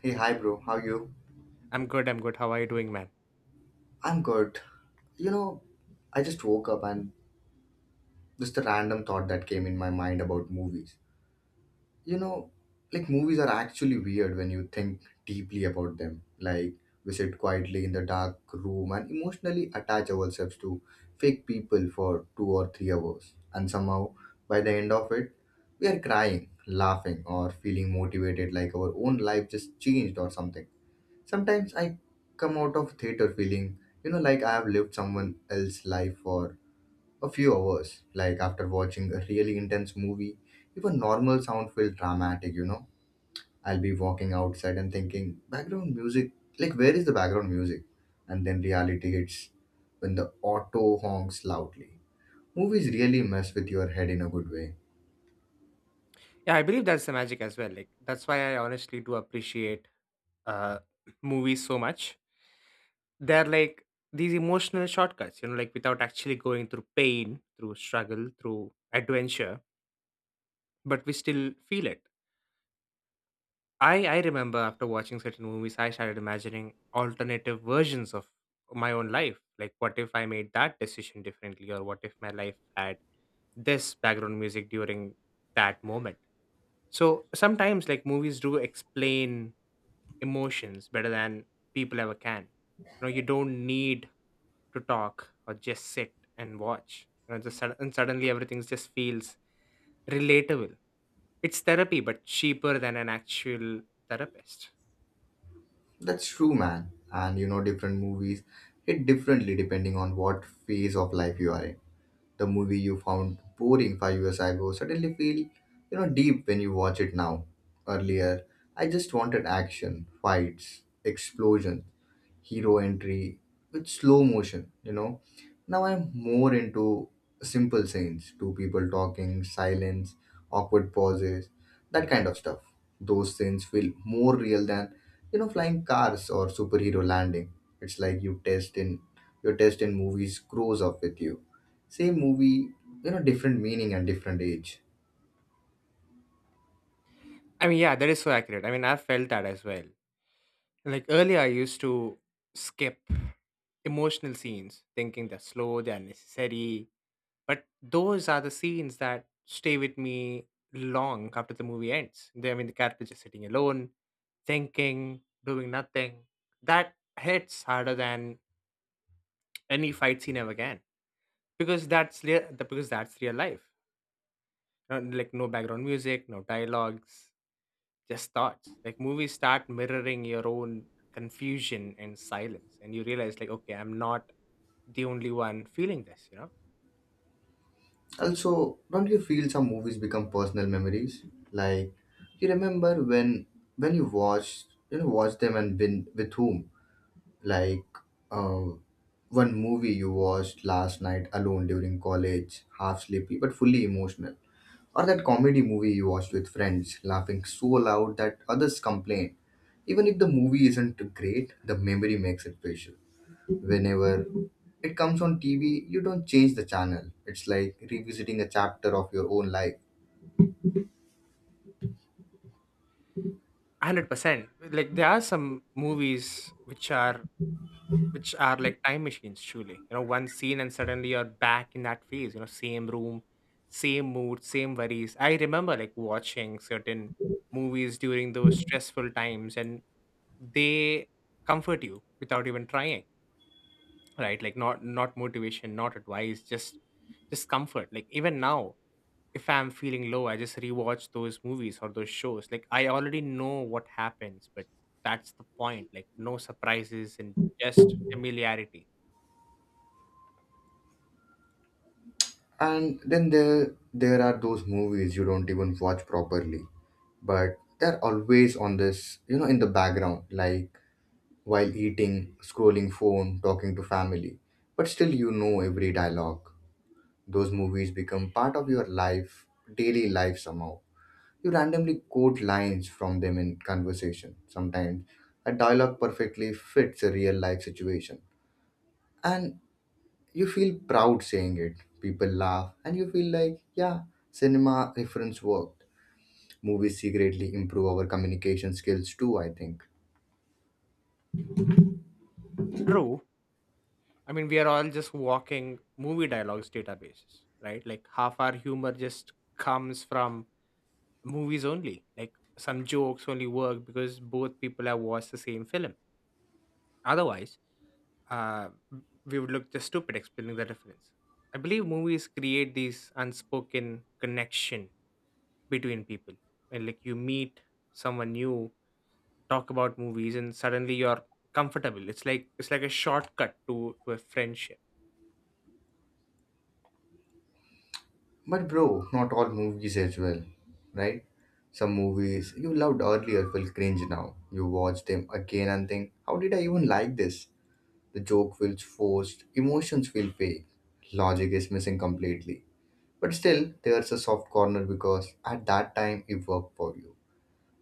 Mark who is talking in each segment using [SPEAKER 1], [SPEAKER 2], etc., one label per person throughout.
[SPEAKER 1] Hey, hi, bro. How you?
[SPEAKER 2] I'm good. I'm good. How are you doing, man?
[SPEAKER 1] I'm good. You know, I just woke up and just a random thought that came in my mind about movies. You know, like movies are actually weird when you think deeply about them. Like we sit quietly in the dark room and emotionally attach ourselves to fake people for 2 or 3 hours, and somehow by the end of it, we are crying, laughing, or feeling motivated like our own life just changed or something. Sometimes I come out of theater feeling, like I have lived someone else's life for a few hours. Like after watching a really intense movie, even normal sound feels dramatic. I'll be walking outside and thinking, background music, like where is the background music? And then reality hits when the auto honks loudly. Movies really mess with your head in a good way.
[SPEAKER 2] Yeah, I believe that's the magic as well. Like that's why I honestly do appreciate uh movies so much. They're like these emotional shortcuts, you know, like without actually going through pain, through struggle, through adventure, but we still feel it. I remember after watching certain movies, I started imagining alternative versions of my own life. Like what if I made that decision differently, or what if my life had this background music during that moment? So sometimes like movies do explain emotions better than people ever can. You know, you don't need to talk or just sit and watch. You know, and suddenly everything just feels relatable. It's therapy, but cheaper than an actual therapist.
[SPEAKER 1] That's true, man. And different movies hit differently depending on what phase of life you are in. The movie you found boring 5 years ago suddenly feel deep when you watch it now. Earlier I just wanted action, fights, explosions, hero entry with slow motion. Now I'm more into simple scenes, two people talking, silence, awkward pauses, that kind of stuff. Those scenes feel more real than, flying cars or superhero landing. It's like your test in movies grows up with you. Same movie, different meaning and different age.
[SPEAKER 2] I mean, yeah, that is so accurate. I mean, I've felt that as well. Like earlier, I used to skip emotional scenes, thinking they're slow, they're necessary. But those are the scenes that stay with me long after the movie ends. They, I mean, the character just sitting alone, thinking, doing nothing. That hits harder than any fight scene ever can because that's real. Because that's real life. Like no background music, no dialogues, just thoughts. Like movies start mirroring your own confusion and silence, and you realize, like, okay, I'm not the only one feeling this, you know?
[SPEAKER 1] Also, don't you feel some movies become personal memories? Like you remember when you watched you know watched them and been with whom? Like uh, one movie you watched last night alone during college, half sleepy but fully emotional. Or that comedy movie you watched with friends, laughing so loud that others complain. Even if the movie isn't great, the memory makes it special whenever it comes on TV, you don't change the channel. It's like revisiting a chapter of your own life.
[SPEAKER 2] 100%. Like, there are some movies which are like time machines, truly, you know, one scene and suddenly you're back in that phase, you know, same room, same mood, same worries. I remember like watching certain movies during those stressful times, and they comfort you without even trying, right? Like not motivation, not advice, just comfort. Like even now, if I'm feeling low, I just rewatch those movies or those shows. Like I already know what happens, but that's the point. Like no surprises and just familiarity.
[SPEAKER 1] And then there are those movies you don't even watch properly, but they're always on this, in the background, like while eating, scrolling phone, talking to family. But still you know every dialogue. Those movies become part of your life, daily life somehow. You randomly quote lines from them in conversation. Sometimes a dialogue perfectly fits a real life situation. And you feel proud saying it. People laugh and you feel like, yeah, cinema reference worked. Movies secretly improve our communication skills too, I think.
[SPEAKER 2] True. I mean, we are all just walking movie dialogues databases, right? Like half our humor just comes from movies only. Like some jokes only work because both people have watched the same film. Otherwise, uh, we would look just stupid explaining the difference. I believe movies create these unspoken connection between people. And like you meet someone new, talk about movies, and suddenly you're comfortable. It's like a shortcut to a friendship.
[SPEAKER 1] But bro, not all movies as well, right? Some movies you loved earlier feel cringe now. You watch them again and think, how did I even like this? The joke feels forced, emotions feel fake, logic is missing completely. But still, there's a soft corner because at that time it worked for you.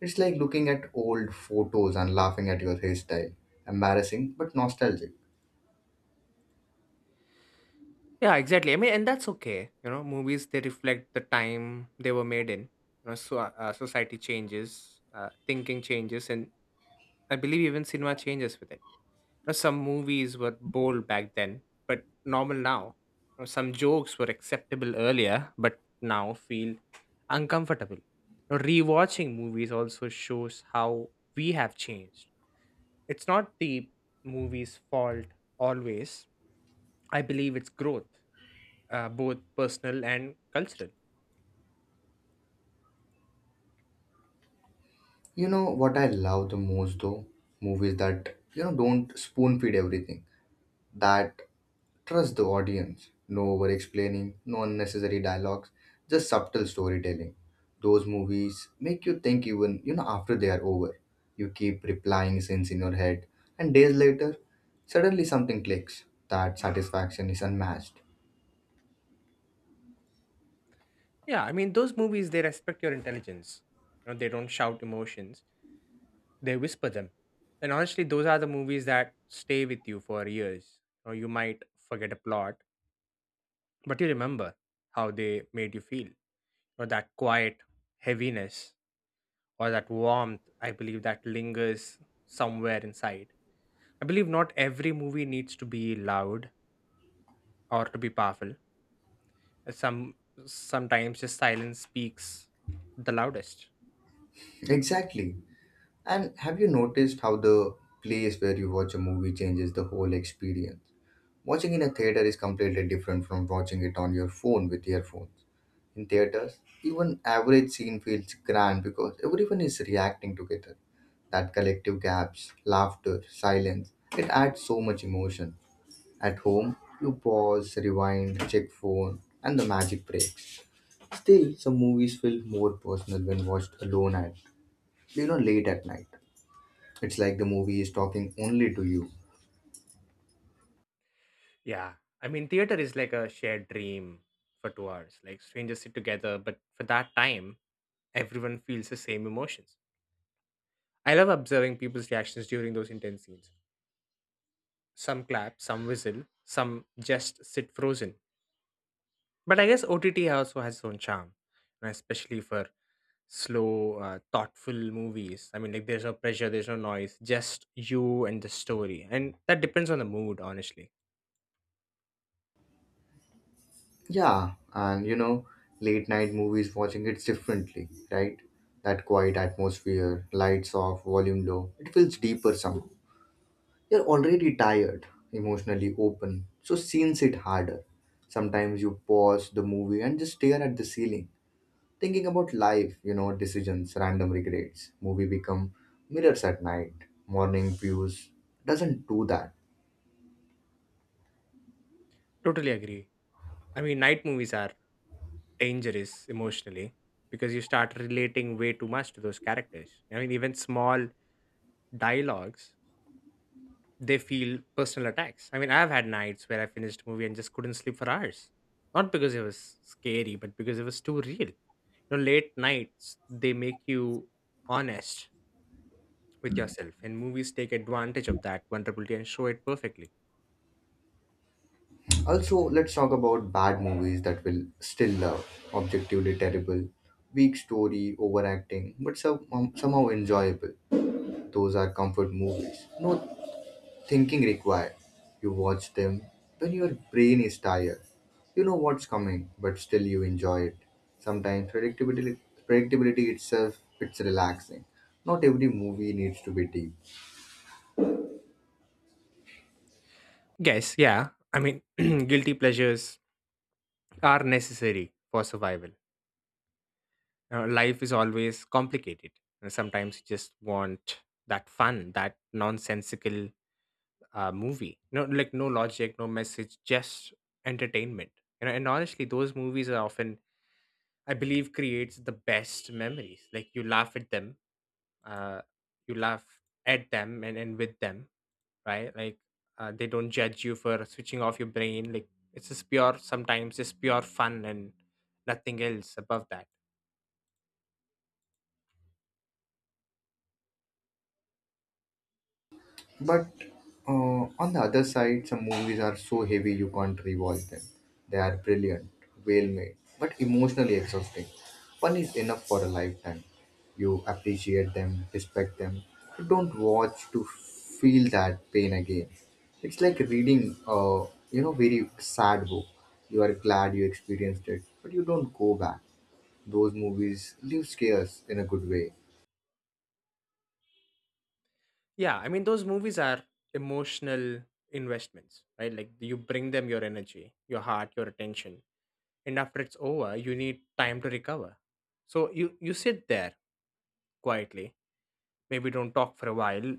[SPEAKER 1] It's like looking at old photos and laughing at your hairstyle. Embarrassing but nostalgic.
[SPEAKER 2] Yeah, exactly. I mean, and that's okay. You know, movies, they reflect the time they were made in. You know, so society changes, thinking changes, and I believe even cinema changes with it. Know, some movies were bold back then, but normal now. You know, some jokes were acceptable earlier, but now feel uncomfortable. You know, rewatching movies also shows how we have changed. It's not the movie's fault always. I believe it's growth, both personal and cultural.
[SPEAKER 1] You know what I love the most though? Movies that, don't spoon feed everything. That Trust the audience. No over explaining, no unnecessary dialogues, just subtle storytelling. Those movies make you think even after they are over. You keep replying scenes in your head, and days later, suddenly something clicks. That satisfaction is unmatched.
[SPEAKER 2] Yeah, I mean, those movies, they respect your intelligence. You know, they don't shout emotions, they whisper them. And honestly, those are the movies that stay with you for years. You know, you might forget a plot, but you remember how they made you feel. Or that quiet heaviness or that warmth, I believe that lingers somewhere inside. I believe not every movie needs to be loud or to be powerful. Some sometimes just silence speaks the loudest.
[SPEAKER 1] Exactly. And have you noticed how the place where you watch a movie changes the whole experience? Watching in a theater is completely different from watching it on your phone with earphones. In theaters, even average scene feels grand because everyone is reacting together. That collective gaps, laughter, silence, it adds so much emotion. At home, you pause, rewind, check phone, and the magic breaks. Still, some movies feel more personal when watched alone at, late at night. It's like the movie is talking only to you.
[SPEAKER 2] Yeah, I mean, theater is like a shared dream for 2 hours. Like strangers sit together, but for that time everyone feels the same emotions. I love observing people's reactions during those intense scenes. Some clap, some whistle, some just sit frozen. But I guess OTT also has its own charm, and especially for slow, thoughtful movies. I mean, like there's no pressure, there's no noise, just you and the story. And that depends on the mood, honestly.
[SPEAKER 1] Yeah, and late night movies watching it differently, right? That quiet atmosphere, lights off, volume low, it feels deeper somehow. You're already tired, emotionally open, so scenes hit harder. Sometimes you pause the movie and just stare at the ceiling, thinking about life, decisions, random regrets. Movie become mirrors at night, morning views. Doesn't do that.
[SPEAKER 2] Totally agree. I mean, night movies are dangerous emotionally because you start relating way too much to those characters. I mean, even small dialogues, they feel personal attacks. I mean, I've had nights where I finished a movie and just couldn't sleep for hours. Not because it was scary, but because it was too real. You know, late nights, they make you honest with yourself, and movies take advantage of that vulnerability and show it perfectly.
[SPEAKER 1] Also, let's talk about bad movies that will still love. Objectively terrible, weak story, overacting, but some, somehow enjoyable. Those are comfort movies. No thinking required. You watch them when your brain is tired. You know what's coming, but still you enjoy it. Sometimes predictability itself, it's relaxing. Not every movie needs to be deep.
[SPEAKER 2] Yes, yeah, I mean, guilty pleasures are necessary for survival. Life is always complicated, and sometimes you just want that fun, that nonsensical movie. No, like no logic, no message, just entertainment, you know, and honestly those movies are often, I believe, creates the best memories. Like you laugh at them, uh, you laugh and with them, right? Like they don't judge you for switching off your brain. Like it's just pure, sometimes just pure fun, and nothing else above that.
[SPEAKER 1] But on the other side, some movies are so heavy you can't rewatch them. They are brilliant, well made, but emotionally exhausting. One is enough for a lifetime. You appreciate them, respect them. You don't watch to feel that pain again. It's like reading a very sad book. You are glad you experienced it, but you don't go back. Those movies leave scares in a good way.
[SPEAKER 2] Yeah, I mean, those movies are emotional investments, right? Like you bring them your energy, your heart, your attention, and after it's over, you need time to recover. So you sit there quietly, maybe don't talk for a while,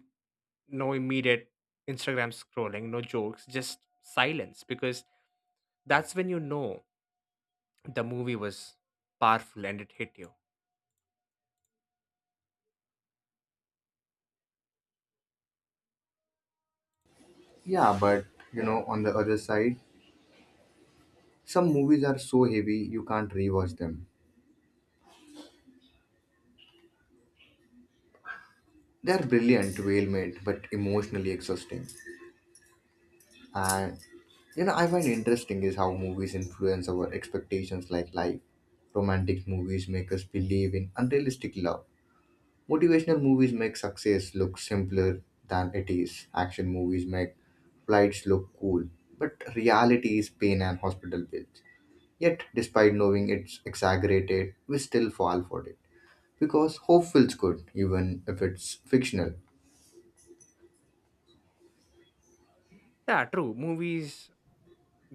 [SPEAKER 2] no immediate Instagram scrolling, no jokes, just silence, because that's when you know the movie was powerful and it hit you.
[SPEAKER 1] Yeah, but on the other side. Some movies are so heavy you can't rewatch them. They are brilliant, well made, but emotionally exhausting. And I find interesting is how movies influence our expectations like life. Romantic movies make us believe in unrealistic love. Motivational movies make success look simpler than it is. Action movies make flights look cool. But reality is pain and hospital bills. Yet, despite knowing it's exaggerated, we still fall for it, because hope feels good even if it's fictional.
[SPEAKER 2] Yeah, true, movies,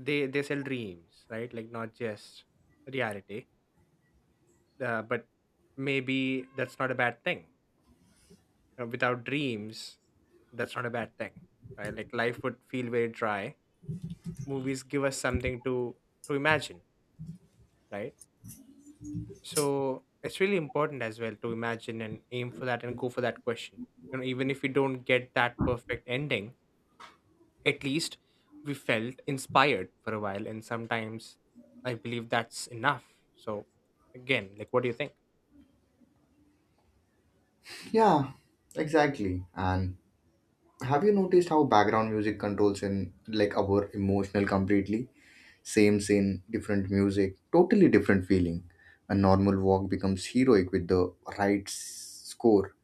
[SPEAKER 2] they sell dreams, right? Like not just reality, but maybe that's not a bad thing. Without dreams, that's not a bad thing, right? Like life would feel very dry. Movies give us something to imagine, right? So it's really important as well to imagine and aim for that and go for that question, you know. Even if you don't get that perfect ending, at least we felt inspired for a while, and sometimes I believe that's enough. So, again, like, what do you think?
[SPEAKER 1] Yeah, exactly. And have you noticed how background music controls in like our emotional completely? Same scene, different music, totally different feeling. A normal walk becomes heroic with the right score.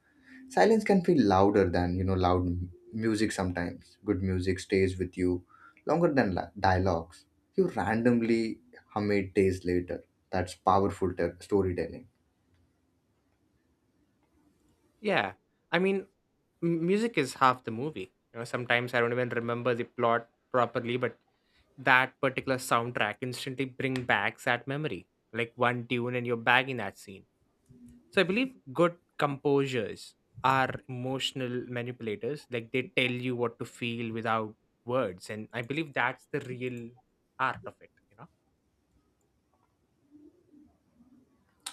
[SPEAKER 1] Silence can feel louder than loud music sometimes. Good music stays with you longer than dialogues. You randomly hum it days later. That's powerful storytelling.
[SPEAKER 2] Yeah, I mean, music is half the movie. You know, sometimes I don't even remember the plot properly, but that particular soundtrack instantly bring back that memory. Like one tune and you're back in that scene. So I believe good composers are emotional manipulators. Like they tell you what to feel without words. And I believe that's the real art of it, you know?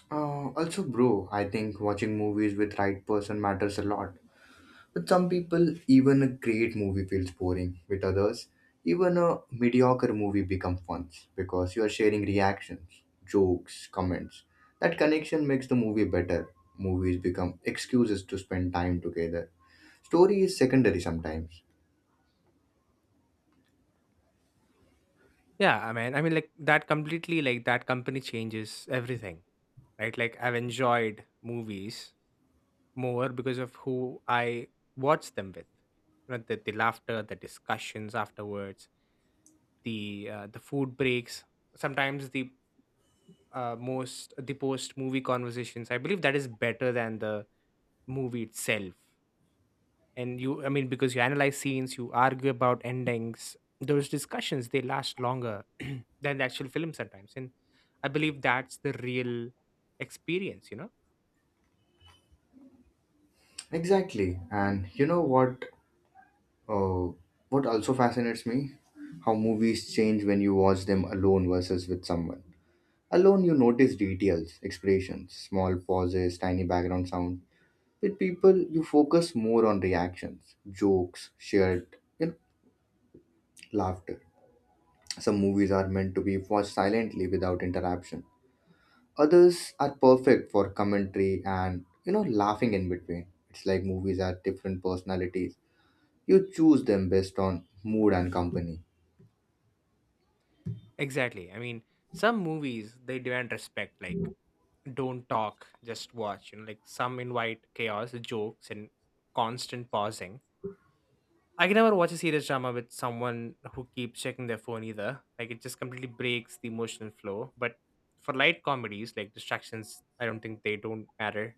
[SPEAKER 1] Also, bro, I think watching movies with right person matters a lot. With some people, even a great movie feels boring. With others, even a mediocre movie becomes fun because you are sharing reactions, jokes, comments. That connection makes the movie better. Movies become excuses to spend time together. Story is secondary sometimes.
[SPEAKER 2] Yeah, I mean like that completely, like that company changes everything. Right? Like I've enjoyed movies more because of who I watch them with. You know, the laughter, the discussions afterwards, the food breaks, sometimes the most the post movie conversations, I believe that is better than the movie itself. And you, I mean, because you analyze scenes, you argue about endings, those discussions they last longer than the actual film sometimes. And I believe that's the real experience, you know.
[SPEAKER 1] Exactly, and you know what? Uh, what also fascinates me? How movies change when you watch them alone versus with someone. Alone, you notice details, expressions, small pauses, tiny background sound. With people, you focus more on reactions, jokes, shared laughter. Some movies are meant to be watched silently without interruption. Others are perfect for commentary and laughing in between. It's like movies are different personalities. You choose them based on mood and company.
[SPEAKER 2] Exactly. I mean, some movies they demand respect, like don't talk, just watch, you know. Like some invite chaos, jokes, and constant pausing. I can never watch a serious drama with someone who keeps checking their phone either. Like it just completely breaks the emotional flow. But for light comedies, like distractions, I don't think they don't matter.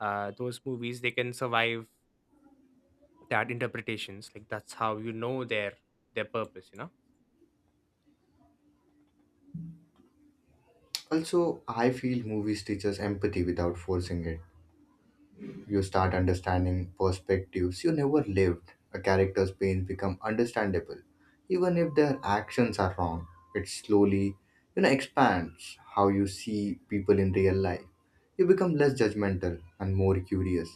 [SPEAKER 2] Those movies, they can survive that interpretations. Like that's how you know their purpose. You know.
[SPEAKER 1] Also, I feel movies teach us empathy without forcing it. You start understanding perspectives you never lived. A character's pains become understandable, even if their actions are wrong. It slowly, expands how you see people in real life. You become less judgmental and more curious.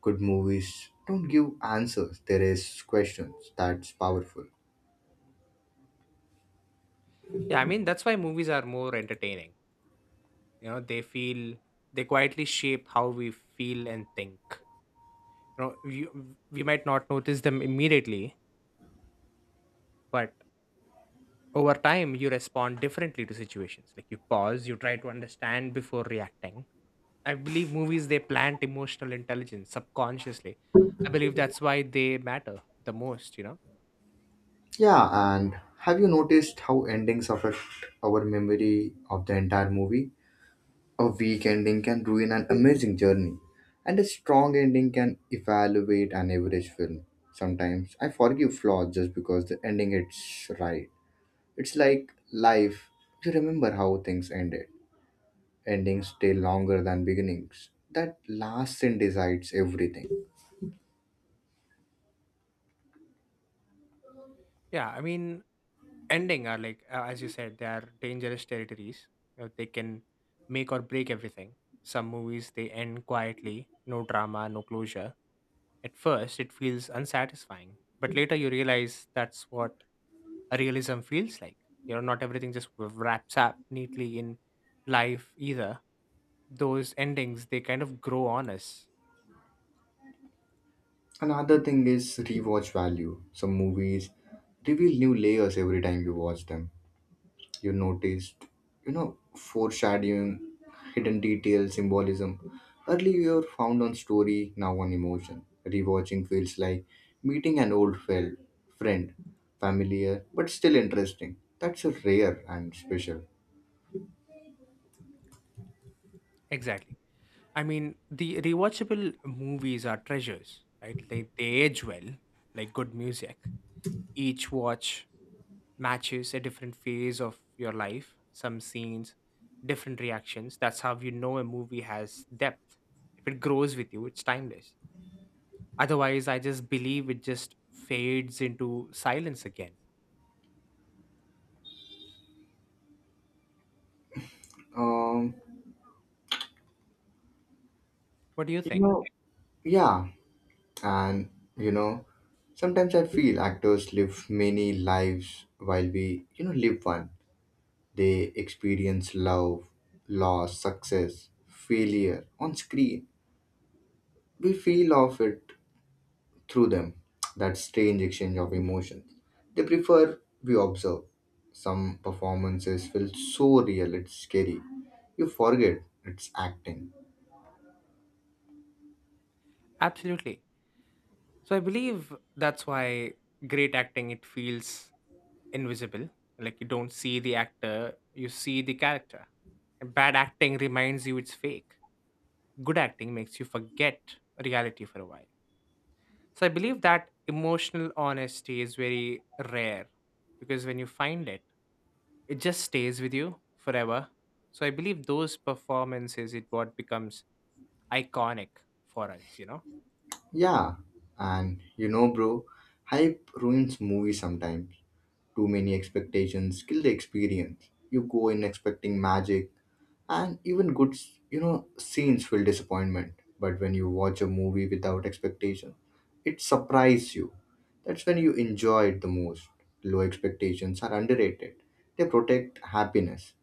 [SPEAKER 1] Good movies don't give answers; they raise questions. That's powerful.
[SPEAKER 2] Yeah, I mean, that's why movies are more entertaining. You know, they feel, they quietly shape how we feel and think. You know, we might not notice them immediately, but over time you respond differently to situations. Like you pause, you try to understand before reacting. I believe movies, they plant emotional intelligence subconsciously. I believe that's why they matter the most, you know.
[SPEAKER 1] Yeah, and have you noticed how endings affect our memory of the entire movie? A weak ending can ruin an amazing journey, and a strong ending can evaluate an average film. Sometimes I forgive flaws just because the ending is right. It's like life. You remember how things ended. Endings stay longer than beginnings. That last scene decides everything.
[SPEAKER 2] Yeah, I mean, ending are like as you said, they are dangerous territories. You know, they can make or break everything. Some movies they end quietly, no drama, no closure. At first it feels unsatisfying, but later you realize that's what realism feels like. You know, not everything just wraps up neatly in life either. Those endings, they kind of grow on us.
[SPEAKER 1] Another thing is rewatch value. Some movies reveal new layers every time you watch them. You noticed, you know foreshadowing, hidden detail, symbolism. Earlier you were found on story, now on emotion. Rewatching feels like meeting an old friend, familiar but still interesting. That's a rare and special.
[SPEAKER 2] Exactly. I mean, the rewatchable movies are treasures, right? They age well, like good music. Each watch matches a different phase of your life, some scenes, different reactions. That's how you know a movie has depth. If it grows with you, it's timeless. Otherwise, I just believe it just fades into silence again.
[SPEAKER 1] um
[SPEAKER 2] What do you
[SPEAKER 1] you
[SPEAKER 2] think?
[SPEAKER 1] know yeah, and you know sometimes I feel actors live many lives while we live one. They experience love, loss, success, failure on screen. We feel of it through them, that strange exchange of emotions. They prefer we observe. Some performances feel so real, it's scary. You forget it's acting.
[SPEAKER 2] Absolutely. So I believe that's why great acting it feels invisible. Like you don't see the actor, you see the character. And bad acting reminds you it's fake. Good acting makes you forget reality for a while. So I believe that emotional honesty is very rare, because when you find it, it just stays with you forever. So I believe those performances it what becomes iconic for us, you know.
[SPEAKER 1] Yeah, and bro, hype ruins movies sometimes. Too many expectations kill the experience. You go in expecting magic, and even good scenes feel disappointment. But when you watch a movie without expectation, it surprises you. That's when you enjoy it the most. Low expectations are underrated. They protect happiness.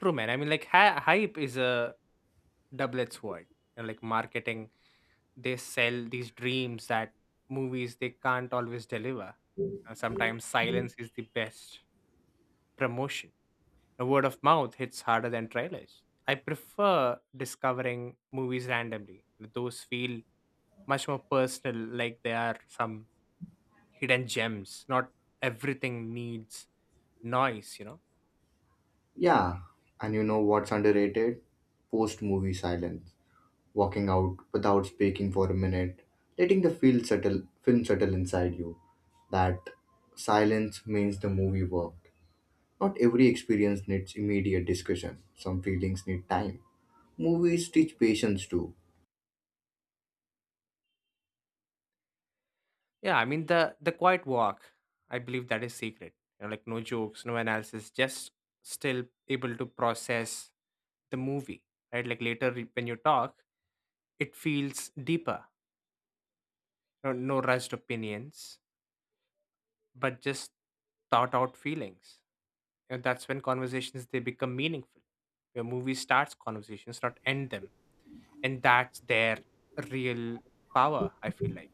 [SPEAKER 2] True, man. I mean, like, hype is a double-edged sword. And like marketing, they sell these dreams that movies they can't always deliver. Sometimes silence is the best promotion. A word of mouth hits harder than trailers. I prefer discovering movies randomly. Those feel much more personal, like they are some hidden gems not Everything needs noise.
[SPEAKER 1] Yeah, and you know what's underrated? Post movie silence. Walking out without speaking for a minute, letting the feel settle film settle inside you. That silence means the movie worked. Not every experience needs immediate discussion. Some feelings need time. Movies teach patience too.
[SPEAKER 2] Yeah, I mean, the quiet walk. I believe that is secret. You know, like no jokes, no analysis, just still able to process the movie, right? Like later when you talk, it feels deeper. No, no rushed opinions, but just thought out feelings. And that's when conversations they become meaningful. Your movie starts conversations, not end them, and that's their real power. I feel like.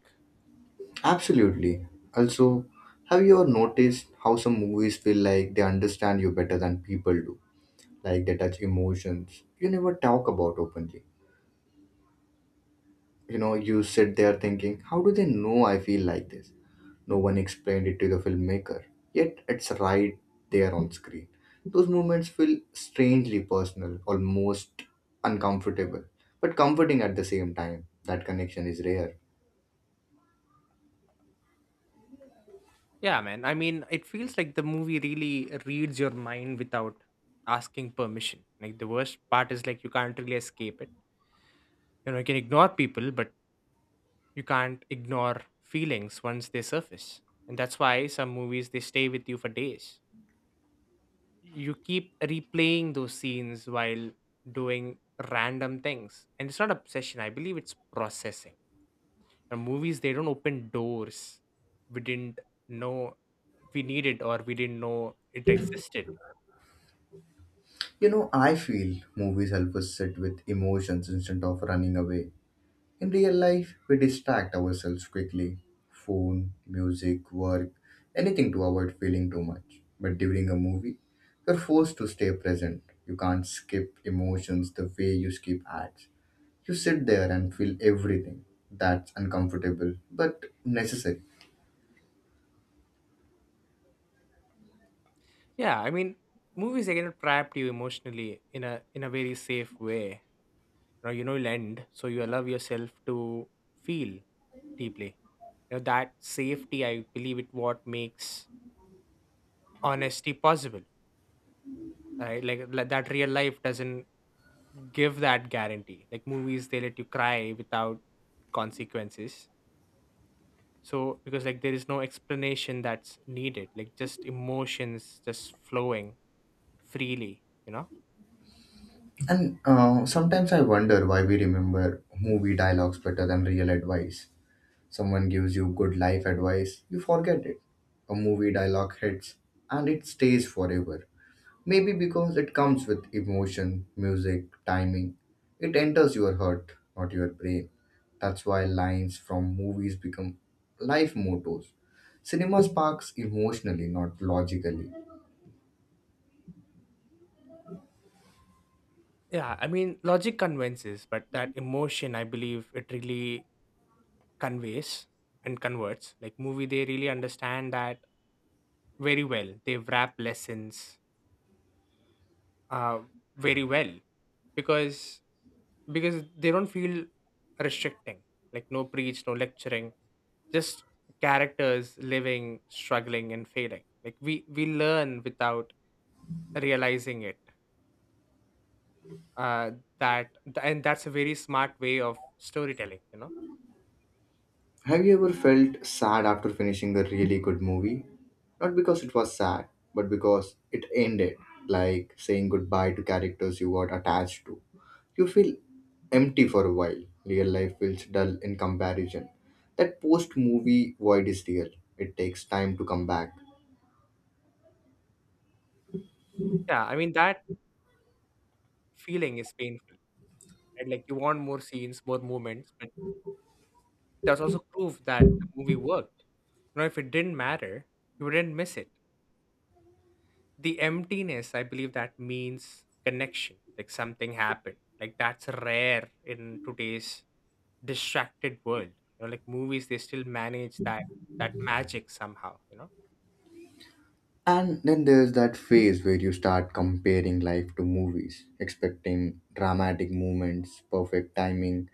[SPEAKER 1] Absolutely. Also, have you ever noticed how some movies feel like they understand you better than people do? Like they touch emotions you never talk about openly. You sit there thinking, how do they know I feel like this? No one explained it to the filmmaker, yet it's right there on screen. Those moments feel strangely personal, almost uncomfortable, but comforting at the same time. That connection is rare.
[SPEAKER 2] Yeah, man. I mean, it feels like the movie really reads your mind without asking permission. Like the worst part is, like, you can't really escape it. You know, you can ignore people, but you can't ignore feelings once they surface. And that's why some movies they stay with you for days. You keep replaying those scenes while doing random things. And it's not obsession, I believe it's processing. And movies they don't open doors we didn't know we needed, or we didn't know it existed.
[SPEAKER 1] I feel movies help us sit with emotions instead of running away. In real life, we distract ourselves quickly phone, music, work, anything to avoid feeling too much. But during a movie, you're forced to stay present. You can't skip emotions the way you skip ads. You sit there and feel everything. That's uncomfortable, but necessary.
[SPEAKER 2] Yeah, I mean, movies again trapped you emotionally in a very safe way. You know, you'll end, so you allow yourself to feel deeply. You know, that safety, I believe, it what makes honesty possible. Right, like that real life doesn't give that guarantee. Like movies, they let you cry without consequences. So because like there is no explanation that's needed, like just emotions just flowing freely. You know.
[SPEAKER 1] And sometimes I wonder why we remember movie dialogues better than real advice. Someone gives you good life advice, you forget it. A movie dialogue hits and it stays forever. Maybe because it comes with emotion, music, timing. It enters your heart, not your brain. That's why lines from movies become life mottos. Cinema sparks emotionally, not logically.
[SPEAKER 2] Yeah, I mean, logic convinces, but that emotion, I believe, it really conveys and converts. Like movie, they really understand that very well. They wrap lessons uh, very well, because because they don't feel restricting. Like no preach, no lecturing, just characters living, struggling, and failing. Like we learn without realizing it. Uh, that and that's a very smart way of storytelling. You know.
[SPEAKER 1] Have you ever felt sad after finishing a really good movie? Not because it was sad, but because it ended, like saying goodbye to characters you got attached to. You feel empty for a while. Real life feels dull in comparison. That post movie void is real. It takes time to come back.
[SPEAKER 2] Yeah, I mean that feeling is painful, right? Like you want more scenes, more moments, but that's also proof that the movie worked. You know, if it didn't matter, you wouldn't miss it. The emptiness, I believe that means connection, like something happened. Like that's rare in today's distracted world. You know, like movies, they still manage that magic somehow. You know,
[SPEAKER 1] And then there's that phase where you start comparing life to movies, expecting dramatic moments, perfect timing,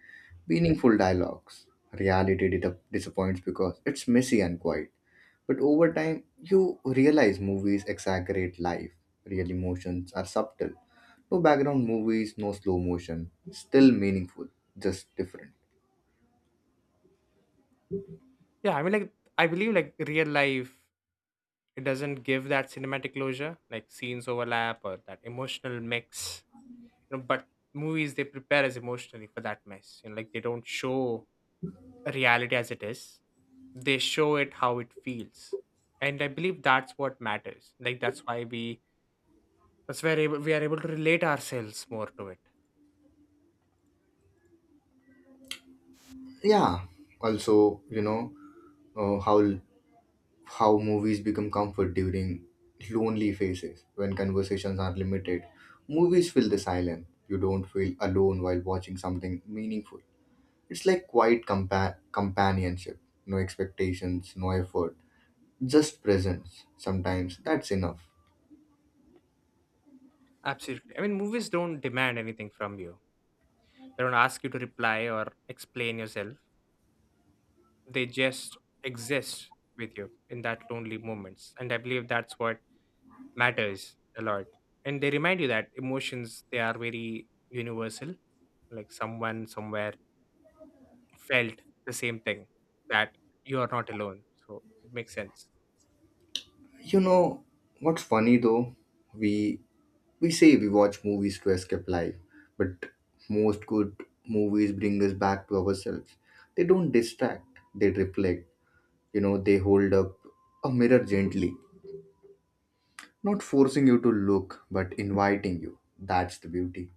[SPEAKER 1] meaningful dialogues. Reality disappoints because it's messy and quiet. But over time, you realize movies exaggerate life. Real emotions are subtle. No background movies, no slow motion. Still meaningful, just different.
[SPEAKER 2] yeah. I mean, like I believe like real life, it doesn't give that cinematic closure, like scenes overlap or that emotional mix, you know, but movies they prepare us emotionally for that mess, you know, like they don't show reality as it is, they show it how it feels. And I believe that's what matters, like that's why we that's where able, we are able to relate ourselves more to it.
[SPEAKER 1] Yeah. Also, uh, how how movies become comfort during lonely phases when conversations are limited. Movies fill the silence. You don't feel alone while watching something meaningful. It's like quiet companionship. No expectations, no effort, just presence. Sometimes that's enough.
[SPEAKER 2] Absolutely. I mean movies don't demand anything from you, they don't ask you to reply or explain yourself, they just exist with you in that lonely moments. And I believe that's what matters a lot. And they remind you that emotions they are very universal, like someone somewhere felt the same thing, that you are not alone. So it makes sense.
[SPEAKER 1] You know what's funny though? We we say we watch movies to escape life, but most good movies bring us back to ourselves. They don't distract, they reflect. They hold up a mirror gently, not forcing you to look, but inviting you. That's the beauty.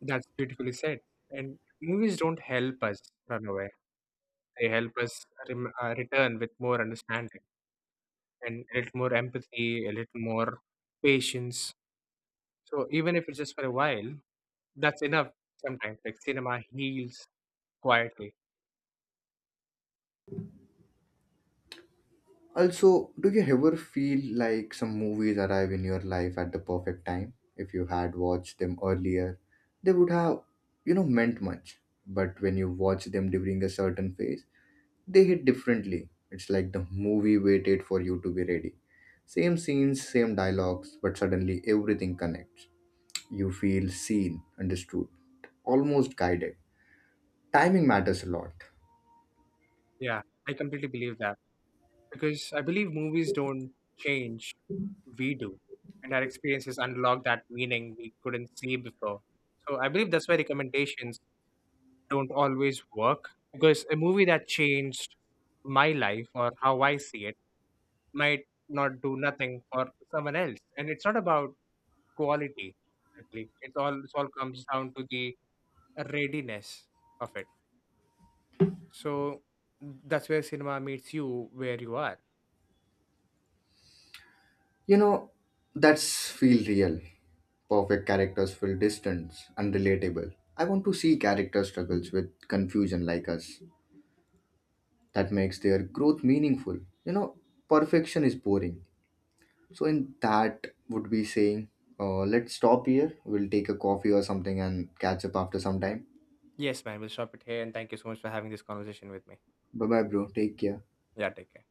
[SPEAKER 2] That's beautifully said. And movies don't help us run away, they help us return with more understanding and a little more empathy, a little more patience. So even if it's just for a while, that's enough. Sometimes, like, cinema heals quietly.
[SPEAKER 1] Also, do you ever feel like some movies arrive in your life at the perfect time? If you had watched them earlier, they would have, meant much. But when you watch them during a certain phase, they hit differently. It's like the movie waited for you to be ready. Same scenes, same dialogues, but suddenly everything connects. You feel seen, understood, almost guided. Timing matters a lot.
[SPEAKER 2] Yeah, I completely believe that, because I believe movies don't change, we do. And our experiences unlock that meaning we couldn't see before. So I believe that's why recommendations don't always work, because a movie that changed my life or how I see it might not do nothing for someone else. And it's not about quality, I believe. It all comes down to the readiness of it. So that's where cinema meets you where you are.
[SPEAKER 1] You know, that's feel real. Perfect characters feel distant, unrelatable. I want to see character struggles with confusion like us. That makes their growth meaningful. You know, perfection is boring. So in that would be saying, let's stop here. We'll take a coffee or something and catch up after some time.
[SPEAKER 2] Yes, man. We'll stop it here. And thank you so much for having this conversation with me.
[SPEAKER 1] Bye bye, bro. Take care.
[SPEAKER 2] Yeah, take care.